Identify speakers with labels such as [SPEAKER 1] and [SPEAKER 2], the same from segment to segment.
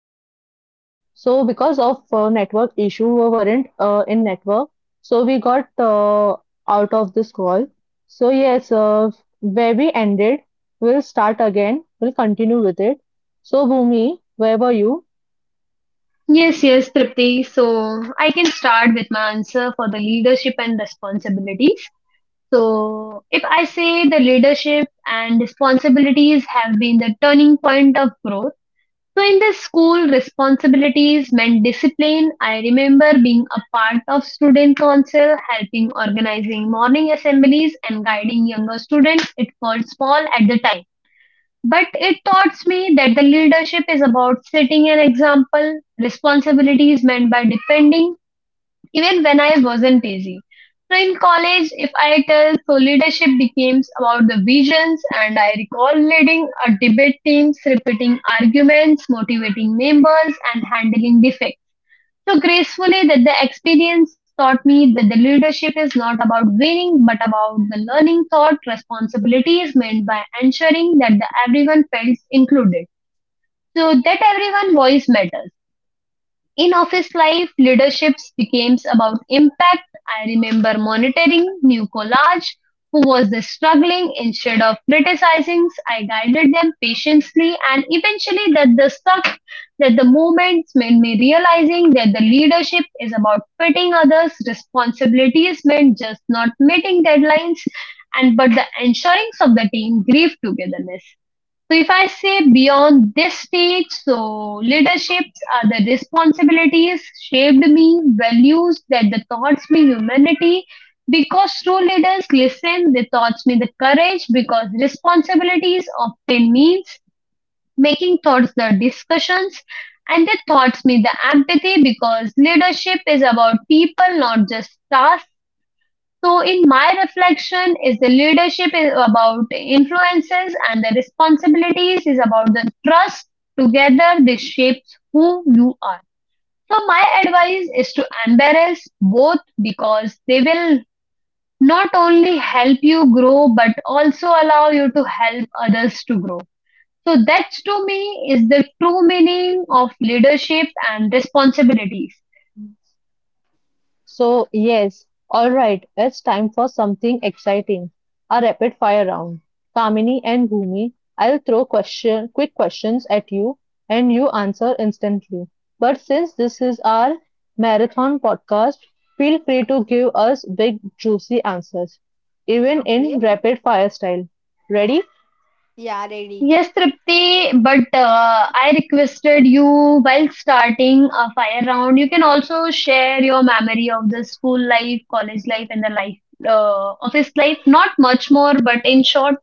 [SPEAKER 1] welcome back. So because of network issue, we weren't in network, so we got out of this call. So yes, where we ended, we'll start again. We'll continue with it. So Bhumi, where were you?
[SPEAKER 2] Yes, yes, Tripti. So I can start with my answer for the leadership and responsibilities. So if I say, the leadership and responsibilities have been the turning point of growth. So in the school, responsibilities meant discipline. I remember being a part of student council, helping organizing morning assemblies and guiding younger students. It felt small at the time, but it taught me that the leadership is about setting an example. Responsibility is meant by defending, even when I wasn't easy. So in college, if I tell, so leadership becomes about the visions, and I recall leading a debate teams, repeating arguments, motivating members, and handling defects. So gracefully that the experience taught me that the leadership is not about winning but about the learning thought responsibility is meant by ensuring that the everyone felt included. So that everyone voice matters. In office life, leaderships became about impact. I remember monitoring new collage who was the struggling instead of criticizing. I guided them patiently and eventually that the stuck that the moments made me realizing that the leadership is about fitting others' responsibilities meant just not meeting deadlines and but the ensuring of the team grieve togetherness. So, if I say beyond this stage, so leaderships are the responsibilities shaped me, values that the thoughts me humanity. Because true leaders listen, they thoughts me the courage. Because responsibilities often means making thoughts the discussions, and they thoughts me the empathy. Because leadership is about people, not just tasks. So, in my reflection, is the leadership is about influences and the responsibilities is about the trust. Together, this shapes who you are. So, my advice is to embrace both because they will not only help you grow but also allow you to help others to grow. So, that to me is the true meaning of leadership and responsibilities.
[SPEAKER 1] So, yes, alright, it's time for something exciting. A rapid fire round. Kamini and Bhumi, I'll throw question quick questions at you and you answer instantly. But since this is our marathon podcast, feel free to give us big juicy answers, even in
[SPEAKER 3] Okay.
[SPEAKER 1] rapid fire style. Ready?
[SPEAKER 3] Yeah, ready.
[SPEAKER 2] Yes, Tripti, but I requested you while starting a fire round. You can also share your memory of the school life, college life, and the life office life. Not much more, but in short.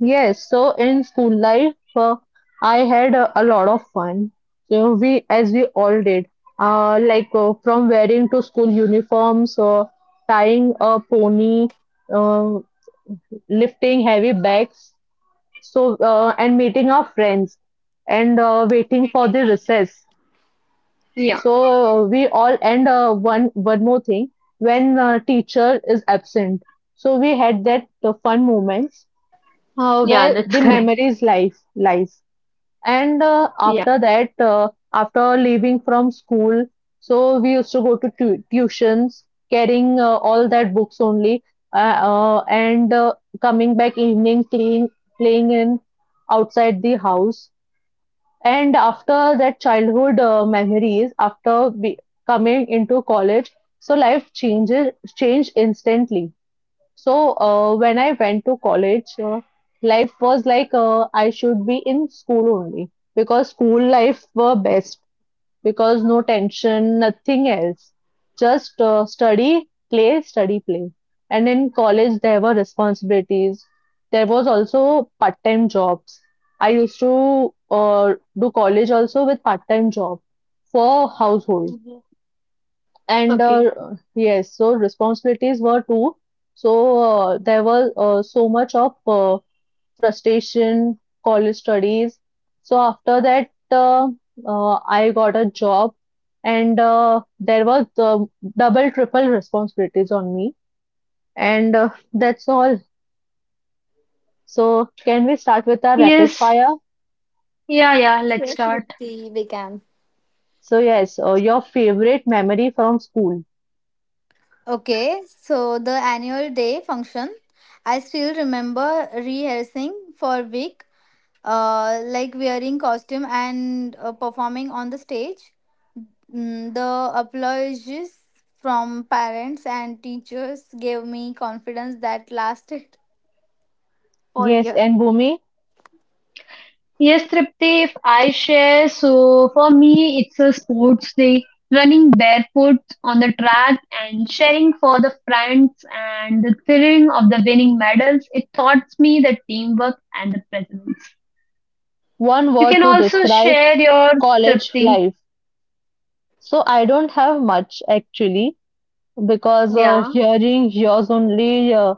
[SPEAKER 1] Yes, so in school life, I had a lot of fun. So we, as we all did, from wearing to school uniforms, tying a pony, uh, lifting heavy bags, so and meeting our friends, and waiting for the recess.
[SPEAKER 2] Yeah,
[SPEAKER 1] So we all and one more thing, when teacher is absent, so we had that fun moments
[SPEAKER 2] yeah,
[SPEAKER 1] where
[SPEAKER 2] that's
[SPEAKER 1] the
[SPEAKER 2] correct.
[SPEAKER 1] memories life lies. And
[SPEAKER 2] Yeah.
[SPEAKER 1] after that, after leaving from school, so we used to go to tu tuitions, carrying all that books only, and coming back evening, playing in outside the house. And after that childhood memories, after we coming into college, so life changes changed instantly. So when I went to college, life was like I should be in school only because school life were best because no tension, nothing else, just study, play, study, play. And in college there were responsibilities. There was also part-time jobs. I used to do college also with part-time job for household
[SPEAKER 2] Mhm.
[SPEAKER 1] and
[SPEAKER 2] Okay.
[SPEAKER 1] yes, so responsibilities were too. So there was so much of frustration college studies. So after that I got a job and there was double triple responsibilities on me and that's all. So can we start with our rapid
[SPEAKER 2] Yes,
[SPEAKER 1] fire?
[SPEAKER 2] yeah, yeah. Let's
[SPEAKER 3] Yes,
[SPEAKER 2] start.
[SPEAKER 3] Rupti, we can.
[SPEAKER 1] So yes, your favorite memory from school?
[SPEAKER 3] Okay, so the annual day function, I still remember rehearsing for a week, like wearing costume and performing on the stage. Mm, the applause from parents and teachers gave me confidence that lasted for
[SPEAKER 1] Yes,
[SPEAKER 3] years.
[SPEAKER 1] and Bhumi,
[SPEAKER 2] Yes, Tripti, if I share, so for me, it's a sports day, running barefoot on the track and sharing for the friends and the thrilling of the winning medals. It taught me the teamwork and the presence.
[SPEAKER 1] one
[SPEAKER 2] You
[SPEAKER 1] word
[SPEAKER 2] can
[SPEAKER 1] to
[SPEAKER 2] also
[SPEAKER 1] describe
[SPEAKER 2] share your
[SPEAKER 1] college
[SPEAKER 2] Tripti.
[SPEAKER 1] life? So I don't have much actually because
[SPEAKER 2] Yeah,
[SPEAKER 1] hearing yours only, uh,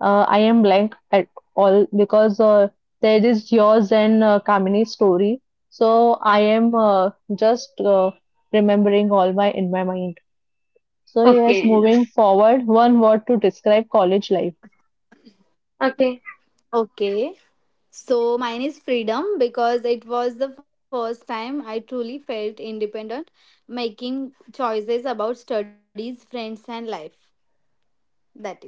[SPEAKER 1] uh, I am blank at all because there is yours and Kamini's story. So I am just remembering all my in my mind. So yes,
[SPEAKER 2] okay.
[SPEAKER 1] moving forward, one word to describe college life.
[SPEAKER 2] Okay.
[SPEAKER 3] Okay. So mine is freedom because it was the first time I truly felt independent, making choices about studies, friends, and life. That is.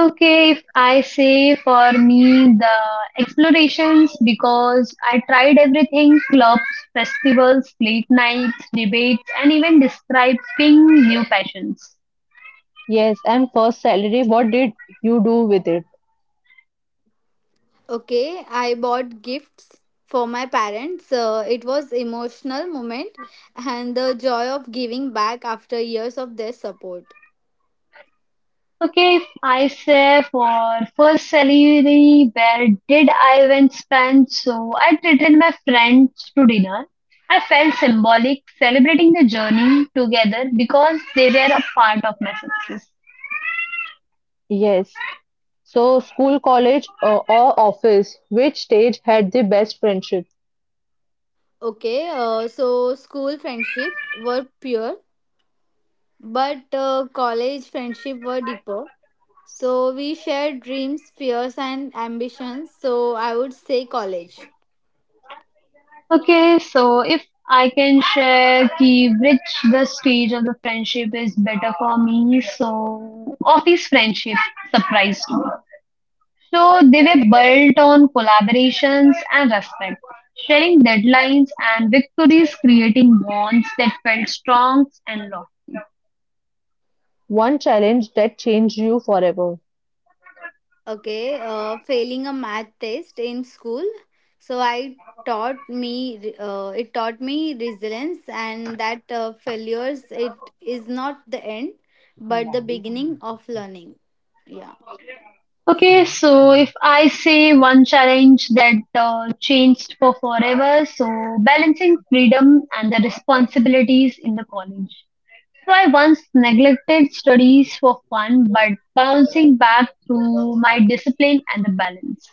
[SPEAKER 2] Okay, if I say for me the explorations because I tried everything clubs, festivals, late nights, debates, and even describing new passions.
[SPEAKER 1] Yes, and first salary, what did you do with it?
[SPEAKER 3] Okay, I bought gifts for my parents. It was emotional moment and the joy of giving back after years of their support.
[SPEAKER 2] Okay, if I say for first salary, where did I even spend? So I treated my friends to dinner. I felt symbolic celebrating the journey together because they were a part of my success.
[SPEAKER 1] Yes. So school, college, or office, which stage had the best friendship?
[SPEAKER 3] Okay, so school friendship were pure, but college friendship were deeper. So we shared dreams, fears, and ambitions. So I would say college.
[SPEAKER 2] Okay, so if I can share ki which the stage of the friendship is better for me, so office friendship surprised me. So they were built on collaborations and respect, sharing deadlines and victories, creating bonds that felt strong and long.
[SPEAKER 1] One challenge that changed you forever.
[SPEAKER 3] Okay, failing a math test in school. So I taught me. It taught me resilience, and that failures it is not the end, but the beginning of learning. Yeah,
[SPEAKER 2] Okay, so if I say one challenge that changed for forever, so balancing freedom and the responsibilities in the college. So I once neglected studies for fun, but bouncing back through my discipline and the balance.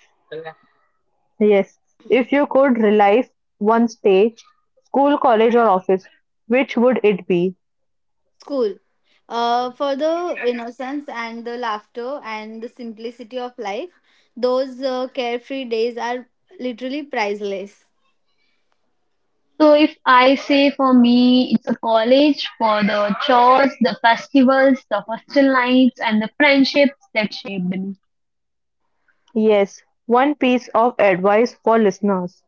[SPEAKER 1] Yes, if you could relive one stage, school, college, or office, which would it be?
[SPEAKER 3] school. For the innocence and the laughter and the simplicity of life, those carefree days are literally priceless.
[SPEAKER 2] So if I say for me, it's a college for the chores, the festivals, the hostel nights, and the friendships that shaped me.
[SPEAKER 1] Yes, one piece of advice for listeners.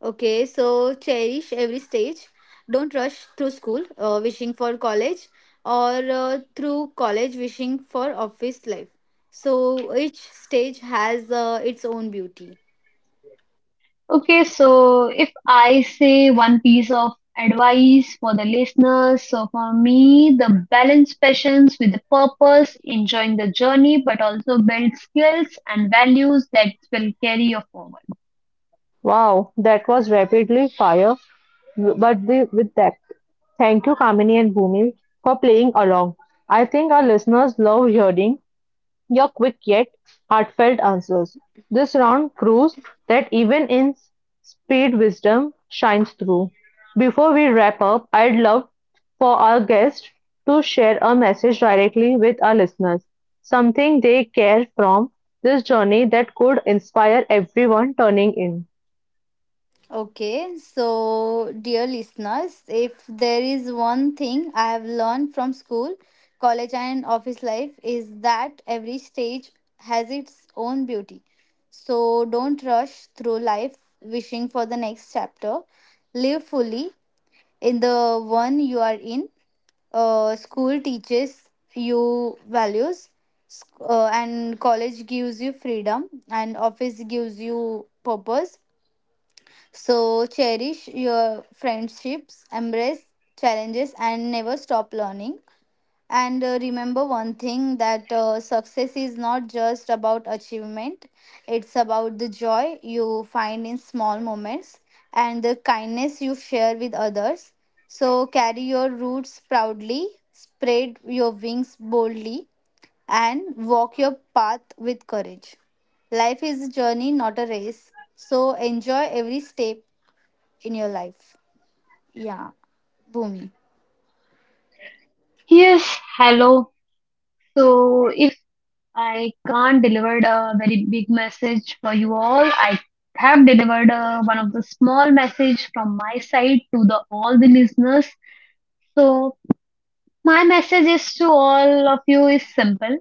[SPEAKER 3] Okay, so cherish every stage. Don't rush through school wishing for college or through college wishing for office life. So each stage has its own beauty.
[SPEAKER 2] Okay, so if I say one piece of advice for the listeners, so for me, the balance passions with the purpose, enjoying the journey, but also build skills and values that will carry you forward.
[SPEAKER 1] Wow, that was rapidly fire, but with depth. Thank you, Kamini and Bhumi, for playing along. I think our listeners love hearing your quick yet heartfelt answers. This round proves that even in speed, wisdom shines through. Before we wrap up, I'd love for our guest to share a message directly with our listeners, something they care from this journey that could inspire everyone turning in.
[SPEAKER 3] Okay, so dear listeners, if there is one thing I have learned from school, college, and office life is that every stage has its own beauty. So don't rush through life wishing for the next chapter. Live fully in the one you are in. School teaches you values, and college gives you freedom, and office gives you purpose. So cherish your friendships, embrace challenges, and never stop learning. And Remember one thing that success is not just about achievement, it's about the joy you find in small moments and the kindness you share with others. So carry your roots proudly, spread your wings boldly, and walk your path with courage. Life is a journey, not a race. So enjoy every step in your life. Yeah, boom.
[SPEAKER 2] Yes, hello. So, if I can't deliver a very big message for you all, I have delivered one of the small message from my side to the all the listeners. So, my message is to all of you is simple.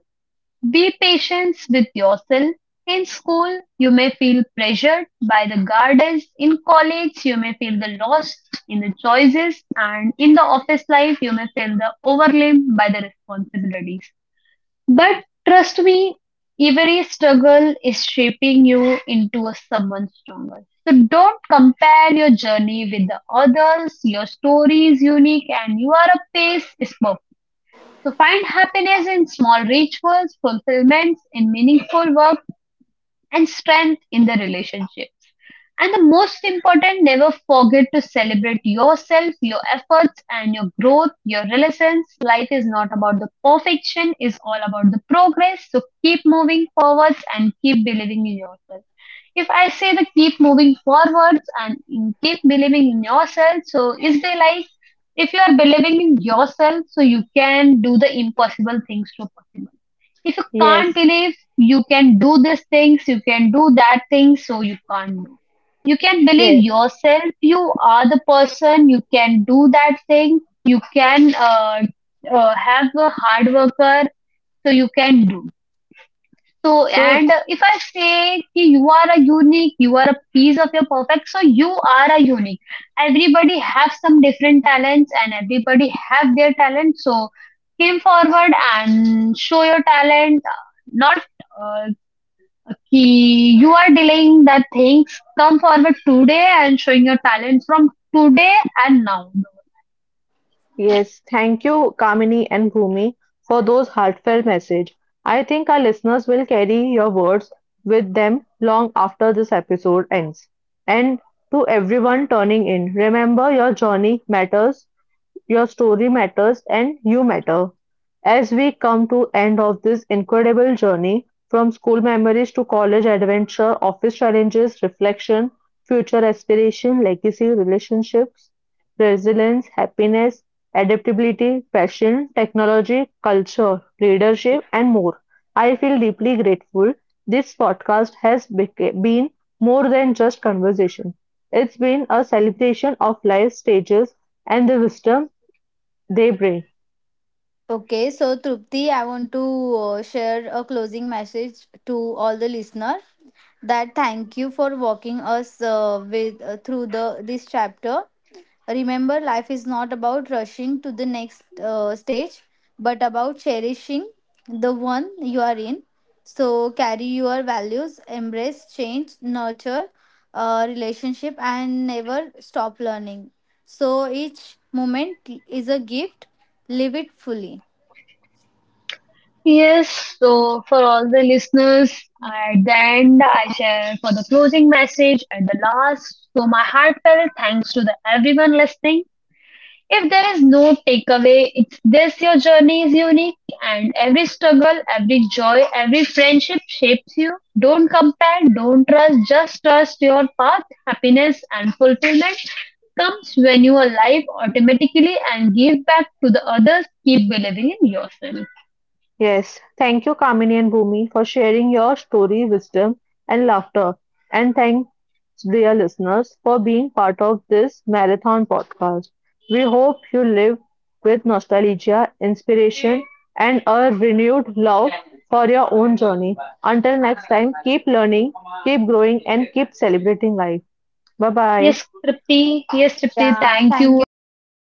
[SPEAKER 2] Be patient with yourself. In school, you may feel pressured by the guardians. In college, you may feel the lost in the choices. And in the office life, you may feel the overwhelmed by the responsibilities. But trust me, every struggle is shaping you into a someone stronger. So don't compare your journey with the others. Your story is unique and you are a pace is perfect. So find happiness in small rituals, fulfillments, in meaningful work and strength in the relationships. And the most important, never forget to celebrate yourself, your efforts, and your growth, your relations. Life is not about the perfection, it's all about the progress. So keep moving forwards and keep believing in yourself. If I say the keep moving forwards and keep believing in yourself, so is they like if you are believing in yourself, so you can do the impossible things to possible. If you can't
[SPEAKER 1] Yes,
[SPEAKER 2] believe you can do these things, you can do that thing, so you can't do. You can believe
[SPEAKER 1] yes.
[SPEAKER 2] yourself, you are the person, you can do that thing, you can have a hard worker, so you can do. So,
[SPEAKER 1] So
[SPEAKER 2] and if I say कि you are a unique, you are a piece of your perfect, so you are a unique. Everybody have some different talents and everybody have their talent. So, came forward and show your talent. Not uh, कि you are delaying that things. Come forward today and showing your talent from today and now.
[SPEAKER 1] yes, thank you, Kamini and Bhumi, for those heartfelt messages. I think our listeners will carry your words with them long after this episode ends. And to everyone turning in, remember your journey matters, your story matters, and you matter. As we come to end of this incredible journey from school memories to college adventure, office challenges, reflection, future aspiration, legacy, relationships, resilience, happiness, adaptability, passion, technology, culture, leadership and more. I feel deeply grateful. This podcast has been more than just conversation. It's been a celebration of life stages and the wisdom Debray.
[SPEAKER 3] Okay, so Trupti, I want to share a closing message to all the listener. That thank you for walking us with through the this chapter. Remember life is not about rushing to the next stage, but about cherishing the one you are in. So carry your values, embrace change, nurture relationship, and never stop learning. So each moment is a gift. Live it fully.
[SPEAKER 2] Yes, so for all the listeners, at the end, I share for the closing message at the last. So, my heartfelt thanks to the everyone listening. If there is no takeaway, it's this your journey is unique, and every struggle, every joy, every friendship shapes you. Don't compare, don't trust, just trust your path. Happiness and fulfillment comes when you are alive automatically and give back to the others. Keep believing in yourself.
[SPEAKER 1] Yes, thank you, Kamini and Bhumi, for sharing your story, wisdom, and laughter. And thanks, dear listeners, for being part of this marathon podcast. We hope you live with nostalgia, inspiration, and a renewed love for your own journey. Until next time, keep learning, keep growing, and keep celebrating life. Bye bye.
[SPEAKER 2] Yes, Tripti. Yes, Tripti.
[SPEAKER 3] Yeah,
[SPEAKER 2] Thank
[SPEAKER 3] thank
[SPEAKER 2] you.
[SPEAKER 3] you.
[SPEAKER 2] And